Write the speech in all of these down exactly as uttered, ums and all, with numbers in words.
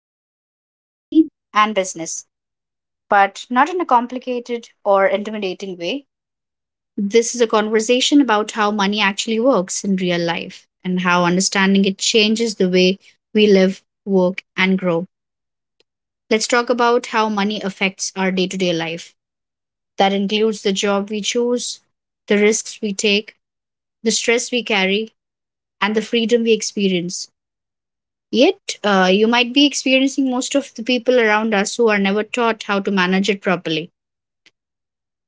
episode is about money and business, but not in a complicated or intimidating way. This is a conversation about how money actually works in real life and how understanding it changes the way we live, work, and grow. Let's talk about how money affects our day to day life. That includes the job we choose, the risks we take, the stress we carry, and the freedom we experience. Yet, uh, you might be experiencing most of the people around us who are never taught how to manage it properly.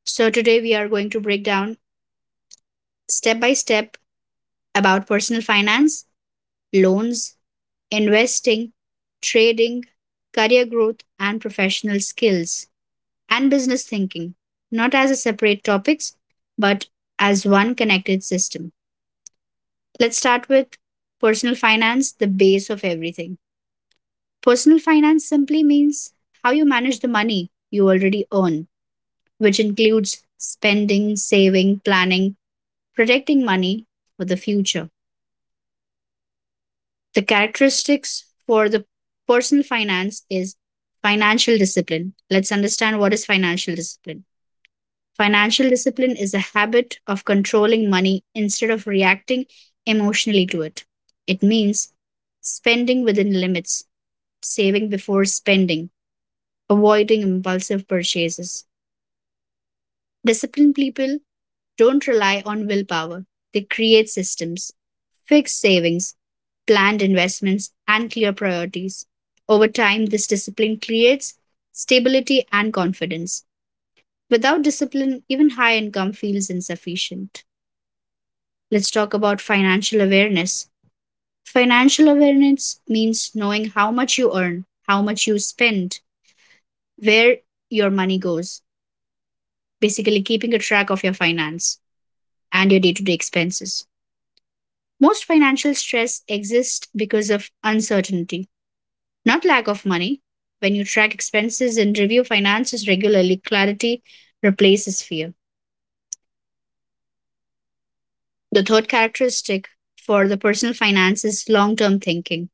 So, today we are going to break down step by step about personal finance, loans, investing, trading, career growth, and professional skills, and business thinking, not as a separate topics, but as one connected system. Let's start with personal finance, the base of everything. Personal finance simply means how you manage the money you already earn, which includes spending, saving, planning, protecting money for the future. The characteristics for the personal finance is financial discipline. Let's understand what is financial discipline. Financial discipline is a habit of controlling money instead of reacting emotionally to it. It means spending within limits, saving before spending, avoiding impulsive purchases. Disciplined people don't rely on willpower, they create systems, fixed savings, planned investments, and clear priorities. Over time, this discipline creates stability and confidence. Without discipline, even high income feels insufficient. Let's talk about financial awareness. Financial awareness means knowing how much you earn, how much you spend, where your money goes, basically keeping a track of your finance and your day to day expenses. Most financial stress exists because of uncertainty, not lack of money. When you track expenses and review finances regularly, clarity replaces fear. The third characteristic for the personal finance is long term thinking.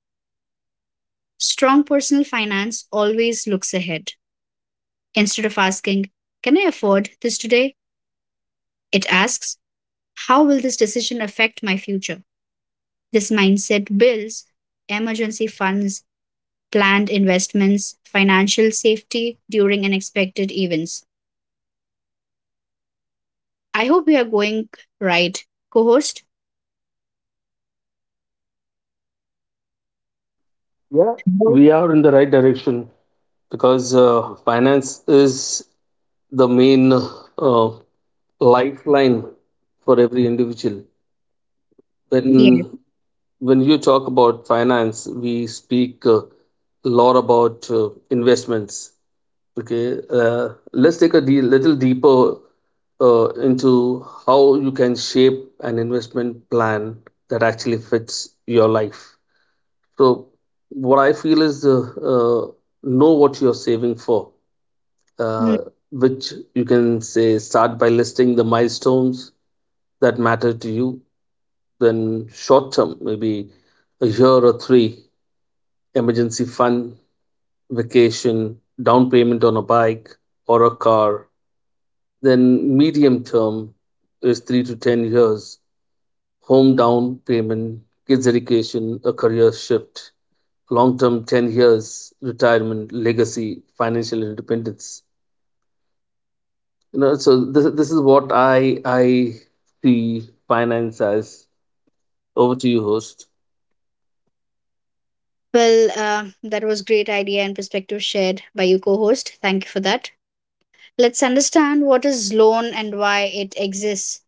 Strong personal finance always looks ahead. Instead of asking, "Can I afford this today?" it asks, "How will this decision affect my future?" This mindset builds emergency funds, planned investments, financial safety during unexpected events. I hope we are going right, co host. Yeah, we are in the right direction because uh, finance is the main uh, lifeline for every individual. Yeah. When when you talk about finance, we speak a lot about uh, investments. Okay, uh, let's take a de- little deeper uh, into how you can shape an investment plan that actually fits your life. So what I feel is uh, uh, know what you're saving for, Mm. uh, which you can say start by listing the milestones that matter to you. Then short term, maybe a year or three, emergency fund, vacation, down payment on a bike or a car. Then medium term is three to ten years, home down payment, kids' education, a career shift, long term ten years, retirement, legacy, financial independence. You know, so this, this is what I, I see finance as. Over to you, host. Well, uh, that was great idea and perspective shared by you, co-host. Thank you for that. Let's understand what is loan and why it exists.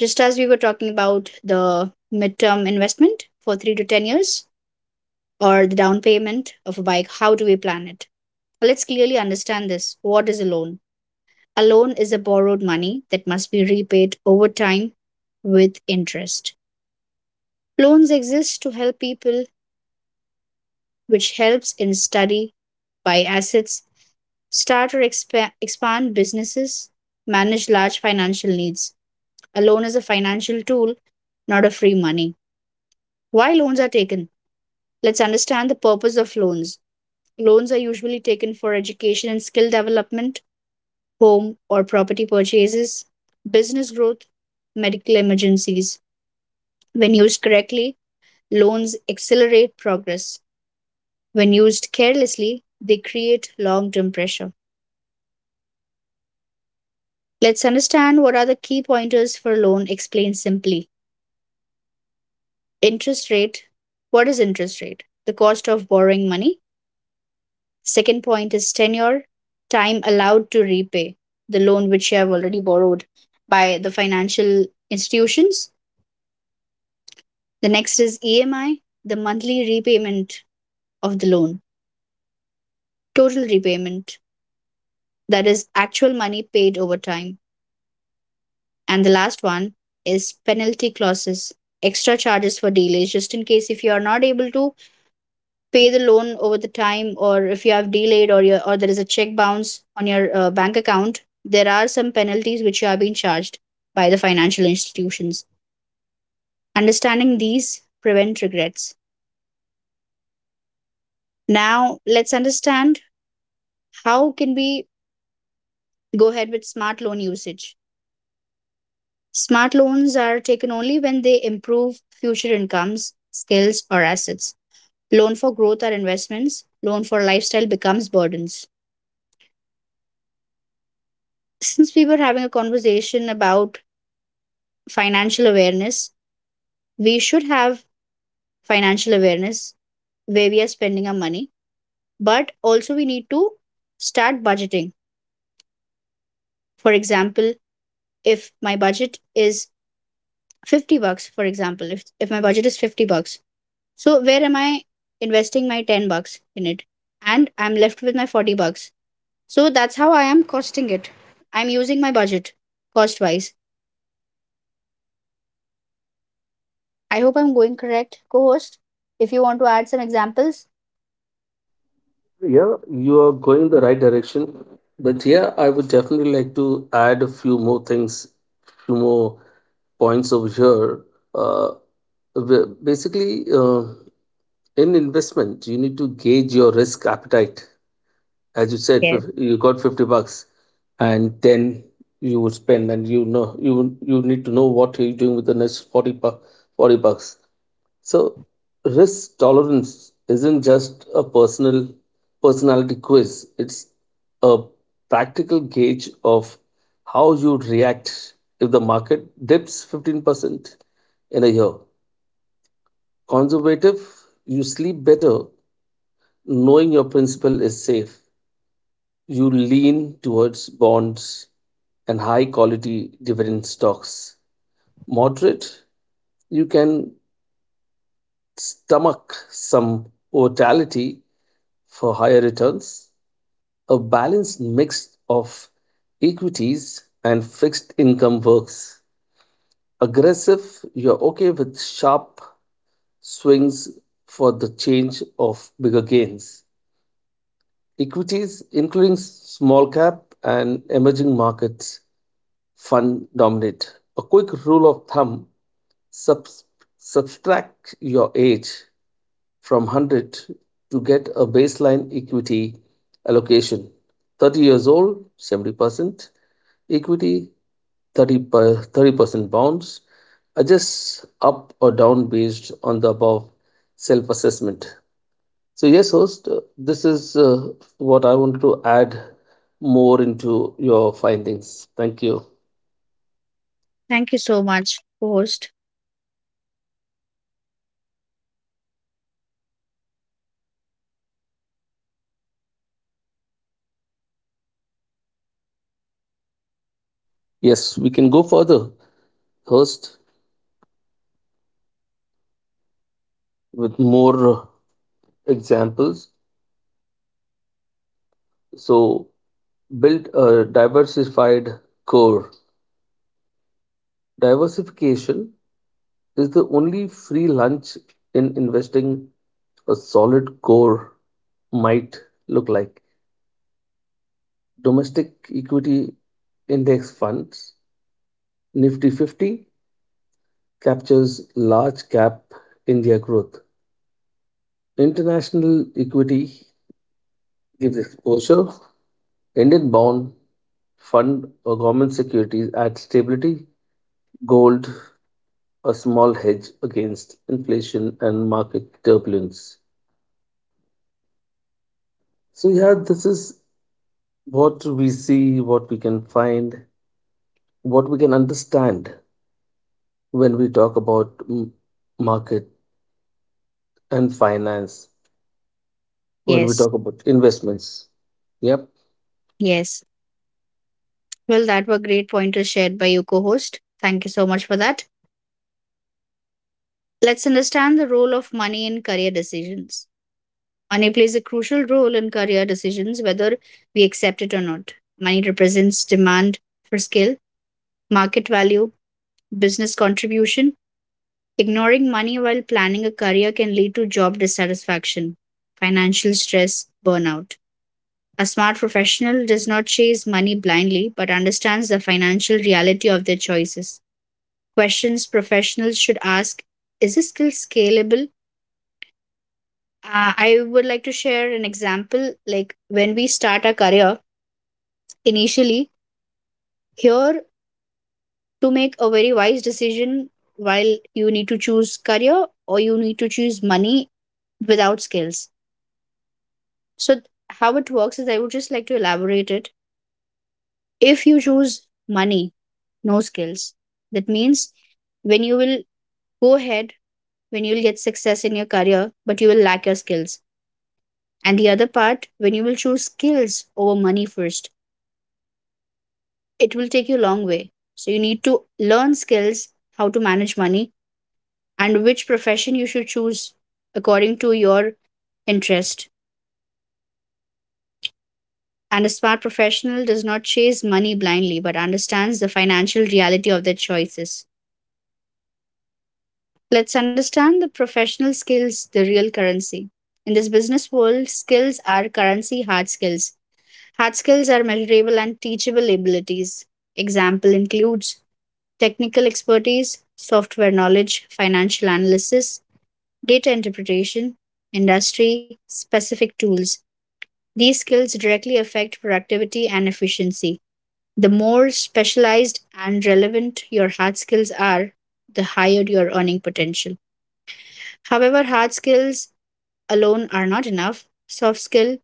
Just as we were talking about the midterm investment for three to ten years or the down payment of a bike, how do we plan it? Let's clearly understand this. What is a loan? A loan is a borrowed money that must be repaid over time with interest. Loans exist to help people, which helps in study, buy assets, start or expa- expand businesses, manage large financial needs. A loan is a financial tool, not a free money. Why loans are taken? Let's understand the purpose of loans. Loans are usually taken for education and skill development, home or property purchases, business growth, medical emergencies. When used correctly, loans accelerate progress. When used carelessly, they create long term pressure. Let's understand what are the key pointers for loan explained simply. Interest rate. What is interest rate? The cost of borrowing money. Second point is tenure, time allowed to repay the loan which you have already borrowed by the financial institutions. The next is E M I, the monthly repayment of the loan, total repayment, that is actual money paid over time. And the last one is penalty clauses, extra charges for delays, just in case if you are not able to pay the loan over the time, or if you have delayed, or your or there is a check bounce on your uh, bank account, there are some penalties which are being charged by the financial institutions. Understanding these prevent regrets. Now let's understand how can we go ahead with smart loan usage. Smart loans are taken only when they improve future incomes, skills, or assets. Loan for growth are investments. Loan for lifestyle becomes burdens. Since we were having a conversation about financial awareness, we should have financial awareness where we are spending our money, but also we need to start budgeting. For example, if my budget is fifty bucks, for example, if, if my budget is fifty bucks, so where am I investing my ten bucks in it? And I'm left with my forty bucks. So that's how I am costing it. I'm using my budget cost wise. I hope I'm going correct, co host. If you want to add some examples. Yeah, you are going in the right direction. But yeah, I would definitely like to add a few more things, few more points over here. Uh, ba- Basically, uh, in investment, you need to gauge your risk appetite. As you said, Yes. fif- you got fifty bucks and then you would spend, and you know you you need to know what you're doing with the next forty, bu- forty bucks. So risk tolerance isn't just a personal personality quiz. It's a practical gauge of how you'd react if the market dips fifteen percent in a year. Conservative, you sleep better knowing your principal is safe. You lean towards bonds and high quality dividend stocks. Moderate, you can stomach some volatility for higher returns. A balanced mix of equities and fixed income works. Aggressive, you're okay with sharp swings for the change of bigger gains. Equities, including small cap and emerging markets, fun dominate. A quick rule of thumb subs- subtract your age from one hundred to get a baseline equity allocation. thirty years old, seventy percent equity, thirty percent bonds. Adjust up or down based on the above self assessment. So, yes, host, uh, this is uh, what I wanted to add more into your findings. Thank you. Thank you so much, co host. Yes, we can go further, host, with more examples. So, build a diversified core. Diversification is the only free lunch in investing. A solid core might look like. Domestic equity index funds, Nifty fifty captures large cap India growth. International equity gives exposure. Indian bond fund or government securities add stability, gold a small hedge against inflation and market turbulence. So yeah, this is what we see, what we can find, what we can understand when we talk about m- market and finance, when we Yes. talk about investments. Yep, Yes. Well, that were great pointers shared by you, co host. Thank you so much for that. Let's understand the role of money in career decisions. Money plays a crucial role in career decisions, whether we accept it or not. Money represents demand for skill, market value, business contribution. Ignoring money while planning a career can lead to job dissatisfaction, financial stress, burnout. A smart professional does not chase money blindly but understands the financial reality of their choices. Questions professionals should ask: Is this skill scalable? Uh, I would like to share an example. Like when we start our career, initially here to make a very wise decision while you need to choose career or you need to choose money without skills, so th- how it works is, I would just like to elaborate it. If you choose money, no skills, that means when you will go ahead, when you will get success in your career but you will lack your skills. And the other part, when you will choose skills over money first, it will take you a long way. So you need to learn skills, how to manage money, and which profession you should choose according to your interest. And a smart professional does not chase money blindly but understands the financial reality of their choices. Let's understand the professional skills, the real currency. In this business world, skills are currency hard skills. Hard skills are measurable and teachable abilities. Example includes technical expertise, software knowledge, financial analysis, data interpretation, industry specific tools. These skills directly affect productivity and efficiency. The more specialized and relevant your hard skills are, the higher your earning potential. However, hard skills alone are not enough. Soft skills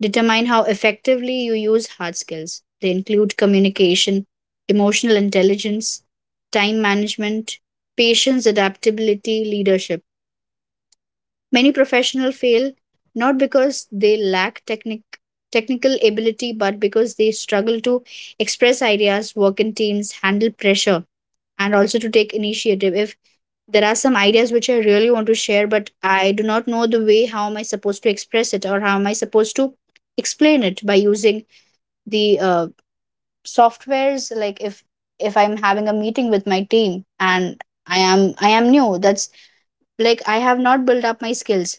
determine how effectively you use hard skills. They include communication, emotional intelligence, time management, patience, adaptability, leadership. Many professionals fail not because they lack technic- technical ability, but because they struggle to express ideas, work in teams, handle pressure, and also to take initiative. If there are some ideas which I really want to share, but I do not know the way, how am I supposed to express it or how am I supposed to explain it by using the uh, softwares? Like if if I'm having a meeting with my team and I am I am new, that's like I have not built up my skills,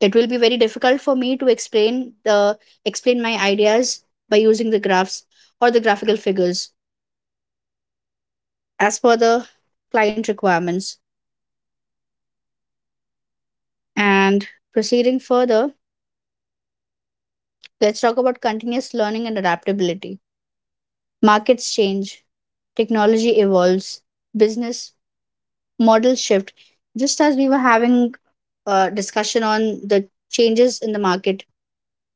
it will be very difficult for me to explain the explain my ideas by using the graphs or the graphical figures as per the client requirements. And proceeding further, let's talk about continuous learning and adaptability. Markets change, technology evolves, business models shift. Just as we were having a discussion on the changes in the market,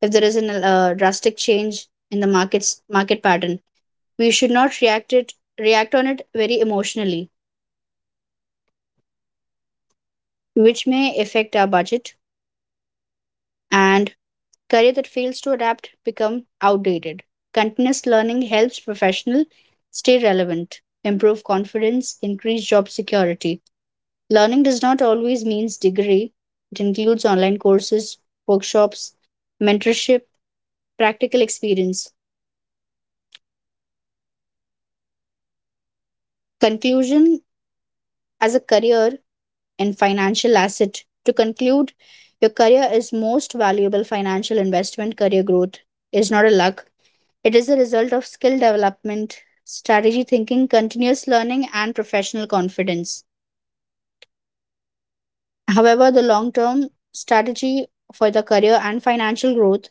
if there is a uh, drastic change in the markets market pattern, we should not react it react on it very emotionally, which may affect our budget and career. That fails to adapt become outdated. Continuous learning helps professional stay relevant, improve confidence, increase job security. Learning does not always means degree, it includes online courses, workshops, mentorship, practical experience. Conclusion: as a career and financial asset. To conclude, your career is most valuable financial investment. Career growth is not a luck, it is a result of skill development, strategy thinking, continuous learning, and professional confidence. However, the long term strategy for the career and financial growth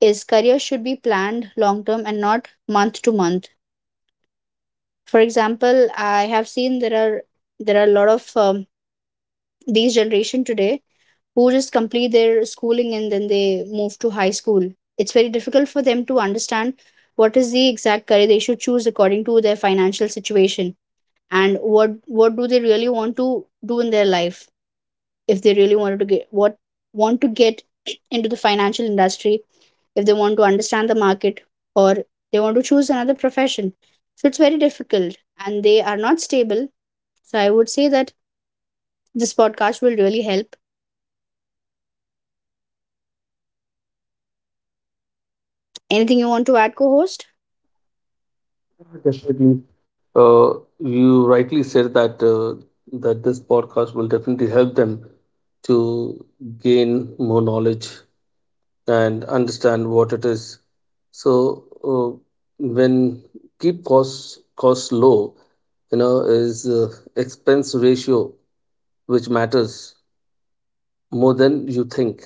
is career should be planned long term and not month to month. For example, I have seen there are there are a lot of um, these generation today who just complete their schooling and then they move to high school. It's very difficult for them to understand what is the exact career they should choose according to their financial situation, and what what do they really want to do in their life, if they really wanted to get what want to get into the financial industry, if they want to understand the market, or they want to choose another profession. So it's very difficult and they are not stable. So I would say that this podcast will really help. Anything you want to add, co-host? definitely. Uh, you rightly said that uh, that this podcast will definitely help them to gain more knowledge and understand what it is. So uh, when keep costs costs low, you know is uh, expense ratio which matters more than you think.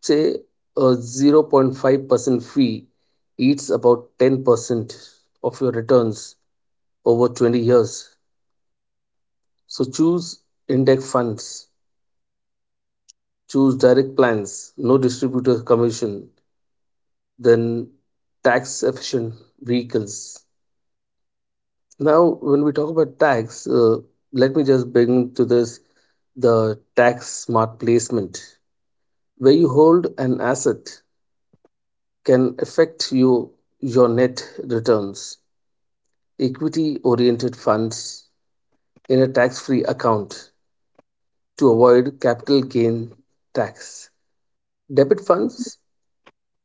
Say a zero point five percent fee eats about ten percent of your returns over twenty years. So choose index funds, choose direct plans, no distributor commission, then tax efficient vehicles. Now, when we talk about tags, uh, let me just bring to this the tax smart placement, where you hold an asset can affect you your net returns. Equity oriented funds in a tax free account to avoid capital gain tax. Debit funds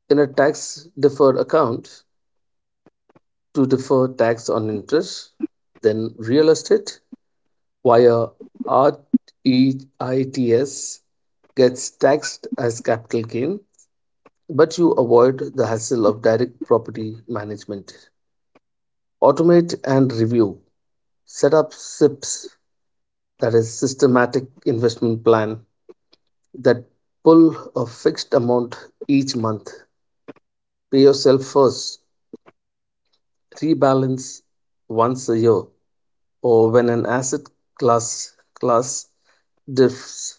in a tax deferred account to defer tax on interest. Then real estate via REITs gets taxed as capital gain, but you avoid the hassle of direct property management. Automate and review. Set up S I Ps, that is systematic investment plan, that pull a fixed amount each month. Pay yourself first. Rebalance once a year or when an asset class class diffs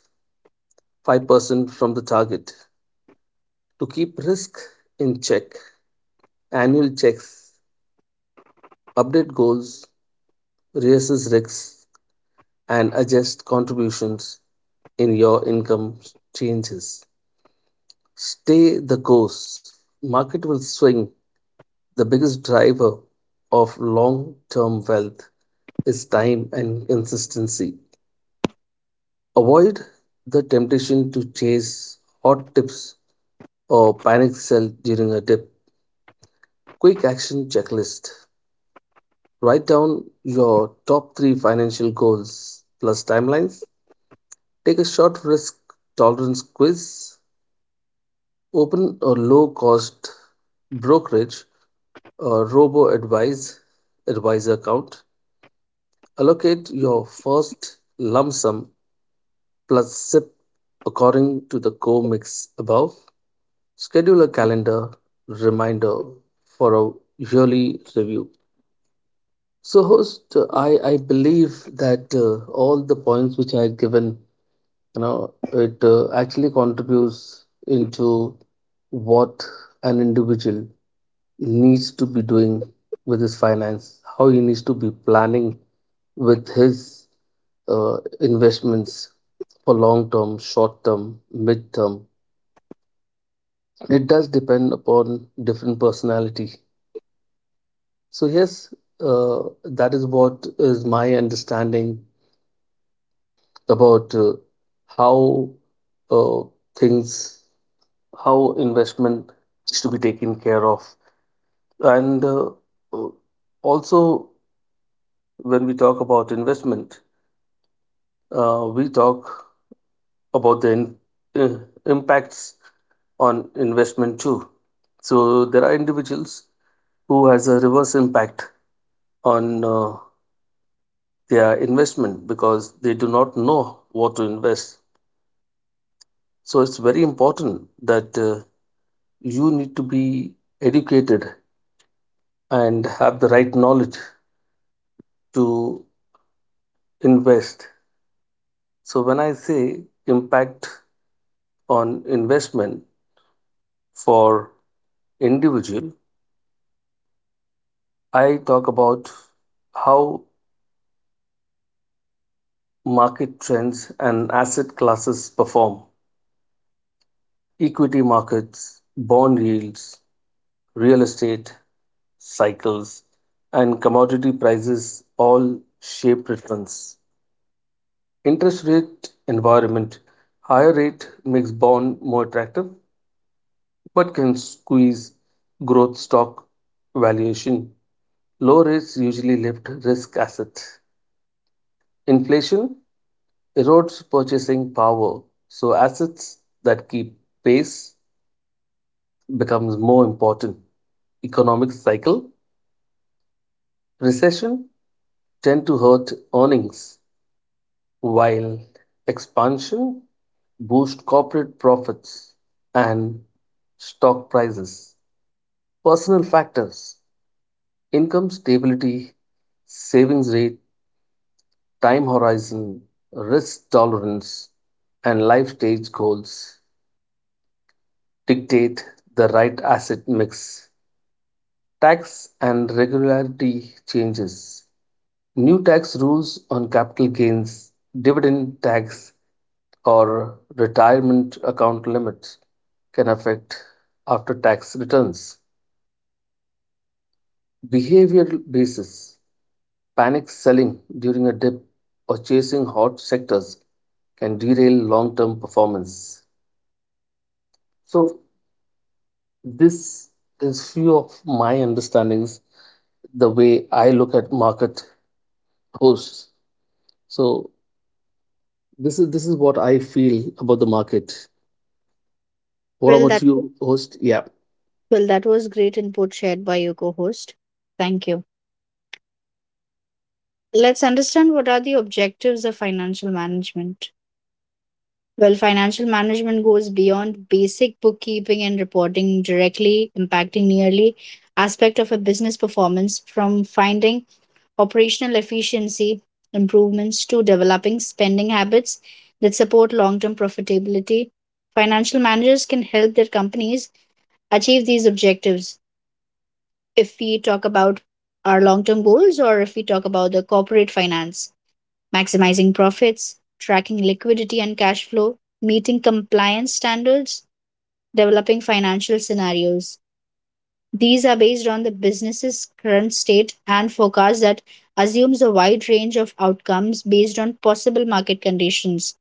five percent from the target. To keep risk in check, annual checks update goals, reassess risks, and adjust contributions in your income changes. Stay the course. Market will swing. The biggest driver of long term wealth is time and consistency. Avoid the temptation to chase hot tips or panic sell during a dip. Quick action checklist. Write down your top three financial goals plus timelines. Take a short risk tolerance quiz. Open a low cost brokerage or robo advise advisor account. Allocate your first lump sum plus S I P according to the co mix above. Schedule a calendar reminder for a yearly review. So, host, uh, I I believe that uh, all the points which I had given, you know, it uh, actually contributes into what an individual needs to be doing with his finance, how he needs to be planning with his uh, investments for long term, short term, mid term. It does depend upon different personality. So yes, uh, that is what is my understanding about uh, how uh, things, how investment is to be taken care of. And uh, uh, also, when we talk about investment, uh, we talk about the in, uh, impacts on investment too. So there are individuals who has a reverse impact on uh, their investment because they do not know what to invest. So it's very important that uh, you need to be educated and have the right knowledge to invest. So, when I say impact on investment for individual, I talk about how market trends and asset classes perform, equity markets, bond yields, real estate cycles, and commodity prices all shape returns. Interest rate environment, higher rate makes bond more attractive but can squeeze growth stock valuation. Low rates usually lift risk assets. Inflation erodes purchasing power, so assets that keep pace becomes more important. Economic cycle recession tend to hurt earnings while expansion boost corporate profits and stock prices. Personal factors income stability, savings rate, time horizon, risk tolerance, and life stage goals dictate the right asset mix. Tax and regularity changes. New tax rules on capital gains, dividend tax, or retirement account limits can affect after tax returns. Behavioral basis. Panic selling during a dip or chasing hot sectors can derail long term performance. So, this is few of my understandings, the way I look at market hosts. So, this is this is what I feel about the market. What Well, about that you, host? Yeah. well, that was great input shared by your co-host. Thank you. Let's understand what are the objectives of financial management. Well, financial management goes beyond basic bookkeeping and reporting, directly impacting nearly aspect of a business performance, from finding operational efficiency improvements to developing spending habits that support long-term profitability. Financial managers can help their companies achieve these objectives if we talk about our long term goals or if we talk about the corporate finance, maximizing profits, tracking liquidity and cash flow, meeting compliance standards, developing financial scenarios. These are based on the business's current state and forecast that assumes a wide range of outcomes based on possible market conditions.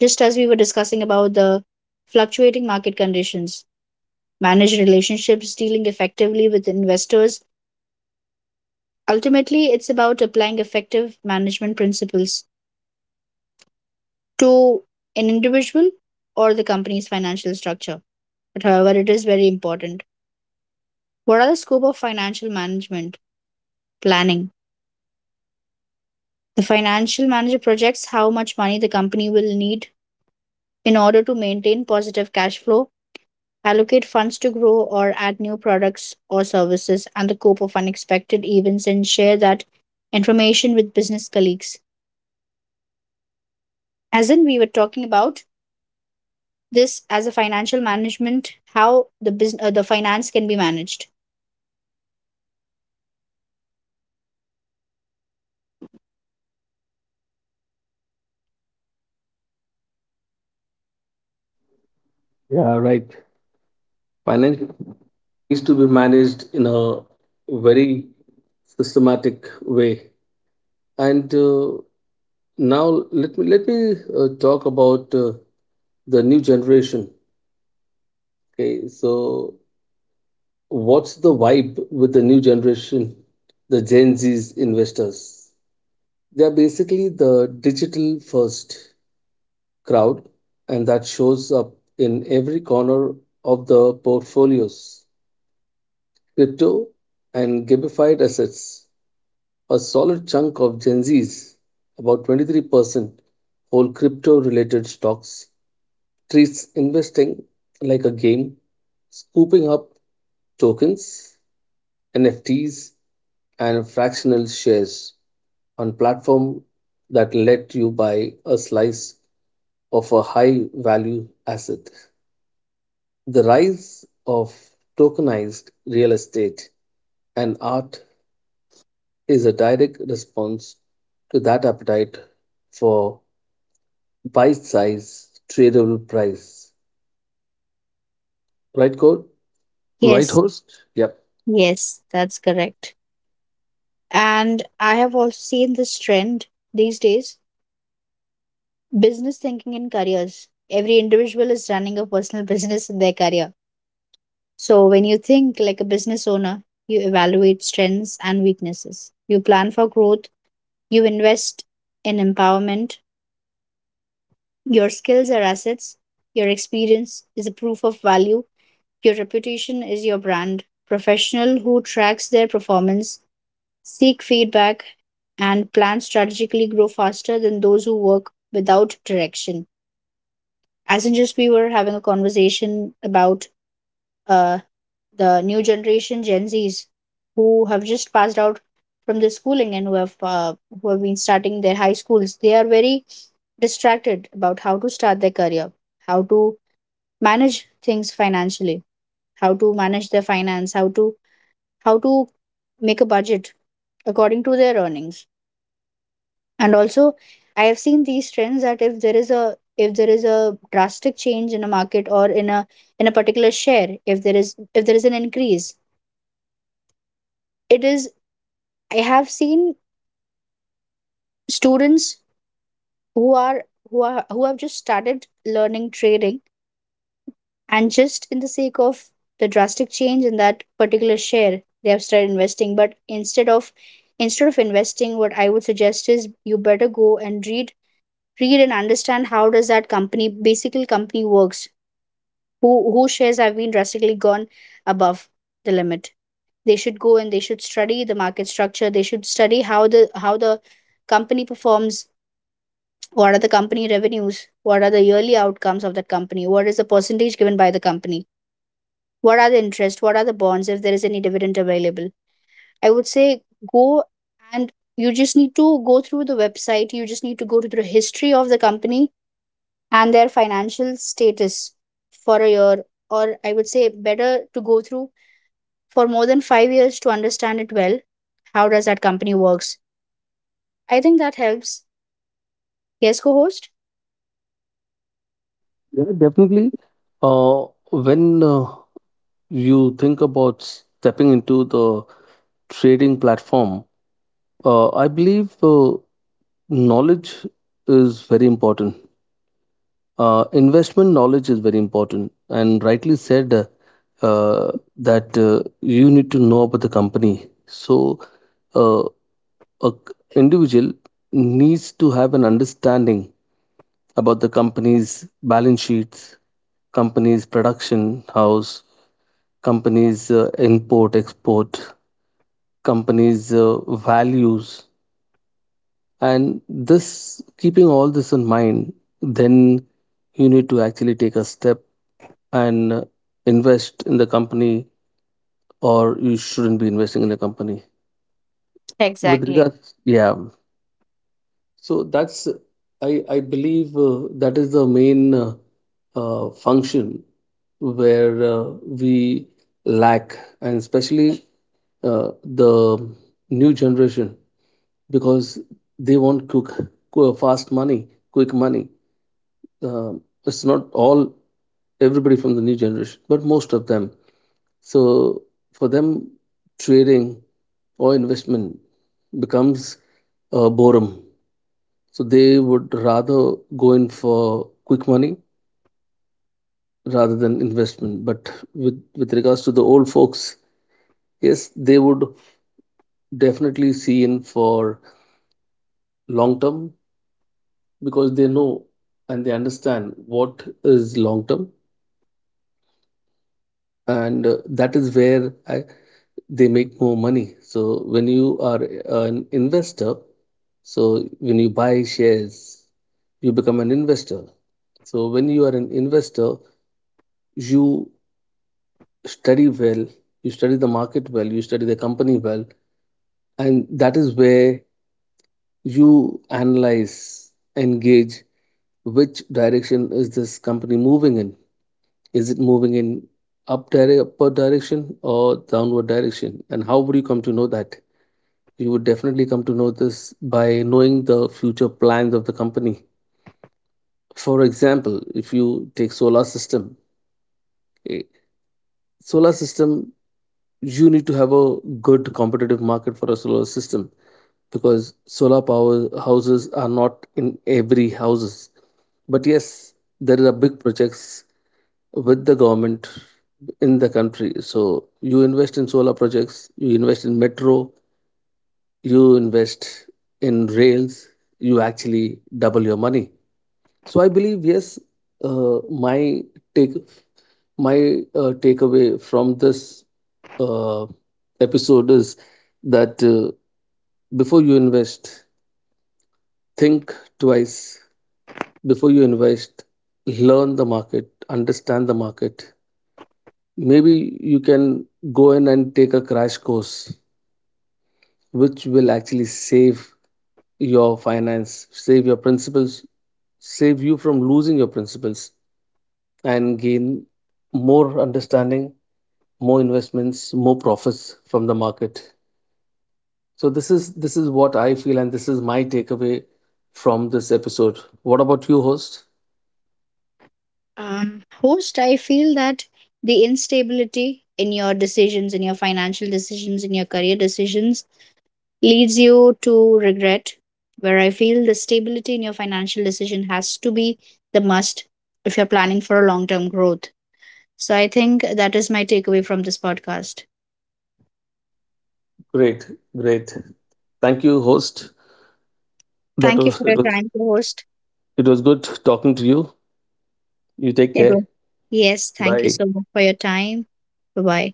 Just as we were discussing about the fluctuating market conditions, manage relationships, dealing effectively with investors, ultimately, it's about applying effective management principles to an individual or the company's financial structure. But however, it is very important. What are the scope of financial management planning? The financial manager projects how much money the company will need in order to maintain positive cash flow, allocate funds to grow or add new products or services, and the scope of unexpected events and share that information with business colleagues. As in, we were talking about this as a financial management, how the business, uh, the finance can be managed. Yeah, right. Finance needs to be managed in a very systematic way. And uh, now let me let me uh, talk about uh, the new generation. Okay, so what's the vibe with the new generation, the Gen Z's investors? They are basically the digital first crowd, and that shows up in every corner of the portfolios, crypto, and gamified assets. A solid chunk of Gen Zs, about twenty-three percent, hold crypto related stocks, treats investing like a game, scooping up tokens, N F Ts, and fractional shares on platforms that let you buy a slice of a high value asset. The rise of tokenized real estate and art is a direct response to that appetite for bite size, tradable price. Right, Cole? Right, yes host? Yep. yes that's correct, and I have also seen this trend these days. Business thinking in careers, every individual is running a personal business in their career. So when you think like a business owner, you evaluate strengths and weaknesses, you plan for growth, you invest in empowerment. Your skills are assets, your experience is a proof of value, your reputation is your brand. Professional who tracks their performance, seek feedback, and plan strategically grow faster than those who work without direction. As in, just we were having a conversation about uh, the new generation, Gen Zs, who have just passed out from their schooling and who have uh, who have been starting their high schools. They are very distracted about how to start their career, how to manage things financially, how to manage their finance, how to how to make a budget according to their earnings. And also, I have seen these trends that if there is a if there is a drastic change in a market, or in a in a particular share, if there is if there is an increase, it is I have seen students who are who are who have just started learning trading, and just in the sake of the drastic change in that particular share, they have started investing. But instead of instead of investing, what I would suggest is you better go and read read and understand how does that company, basically company works. Who who shares have been drastically gone above the limit, they should go and they should study the market structure. They should study how the how the company performs, what are the company revenues, what are the yearly outcomes of that company, what is the percentage given by the company, what are the interest, what are the bonds, if there is any dividend available. I would say go and you just need to go through the website, you just need to go to the history of the company and their financial status for a year, or I would say better to go through for more than five years to understand it well. How does that company works? I think that helps. Yes, co-host. Yeah, definitely. Uh, when uh, you think about stepping into the trading platform, uh, I believe uh, knowledge is very important. Uh, investment knowledge is very important, and rightly said uh, uh, that uh, you need to know about the company. So, uh, a c- individual needs to have an understanding about the company's balance sheets, company's production house, company's uh, import export, company's uh, values, and this keeping all this in mind, then you need to actually take a step and invest in the company or you shouldn't be investing in the company with Exactly. regards, yeah. So that's, i i believe uh, that is the main uh, uh, function where uh, we lack, and especially uh, the new generation because they want quick qu- fast money, quick money. Um, it's not all everybody from the new generation but most of them. So for them, trading or investment becomes uh, boredom. So they would rather go in for quick money rather than investment. But with, with regards to the old folks, yes, they would definitely see in for long term because they know and they understand what is long term. And uh, that is where I, they make more money. So when you are an investor, so when you buy shares, you become an investor. So when you are an investor, you study well, you study the market well, you study the company well, and that is where you analyze, engage which direction is this company moving in? Is it moving in up dire- upward direction or downward direction? And how would you come to know that? You would definitely come to know this by knowing the future plans of the company. For example, if you take solar system, eh, solar system, you need to have a good competitive market for a solar system because solar power houses are not in every houses. But yes, there are big projects with the government in the country. So you invest in solar projects, you invest in metro, you invest in rails, you actually double your money. So I believe yes, uh, my take my uh, takeaway from this uh, episode is that uh, before you invest, think twice. Before you invest, learn the market, understand the market. Maybe you can go in and take a crash course, which will actually save your finance, save your principles, save you from losing your principles. And gain more understanding, more investments, more profits from the market. So this is this is what I feel and this is my takeaway from this episode. What about you, host? Um, host, I feel that the instability in your decisions, in your financial decisions, in your career decisions leads you to regret. Where I feel the stability in your financial decision has to be the must if you're planning for a long term growth. So I think that is my takeaway from this podcast. Great, great. Thank you, host. That Thank you for was it your was time, co host. It was good talking to you. You take care. Yes, thank you Bye. so much for your time. Bye bye.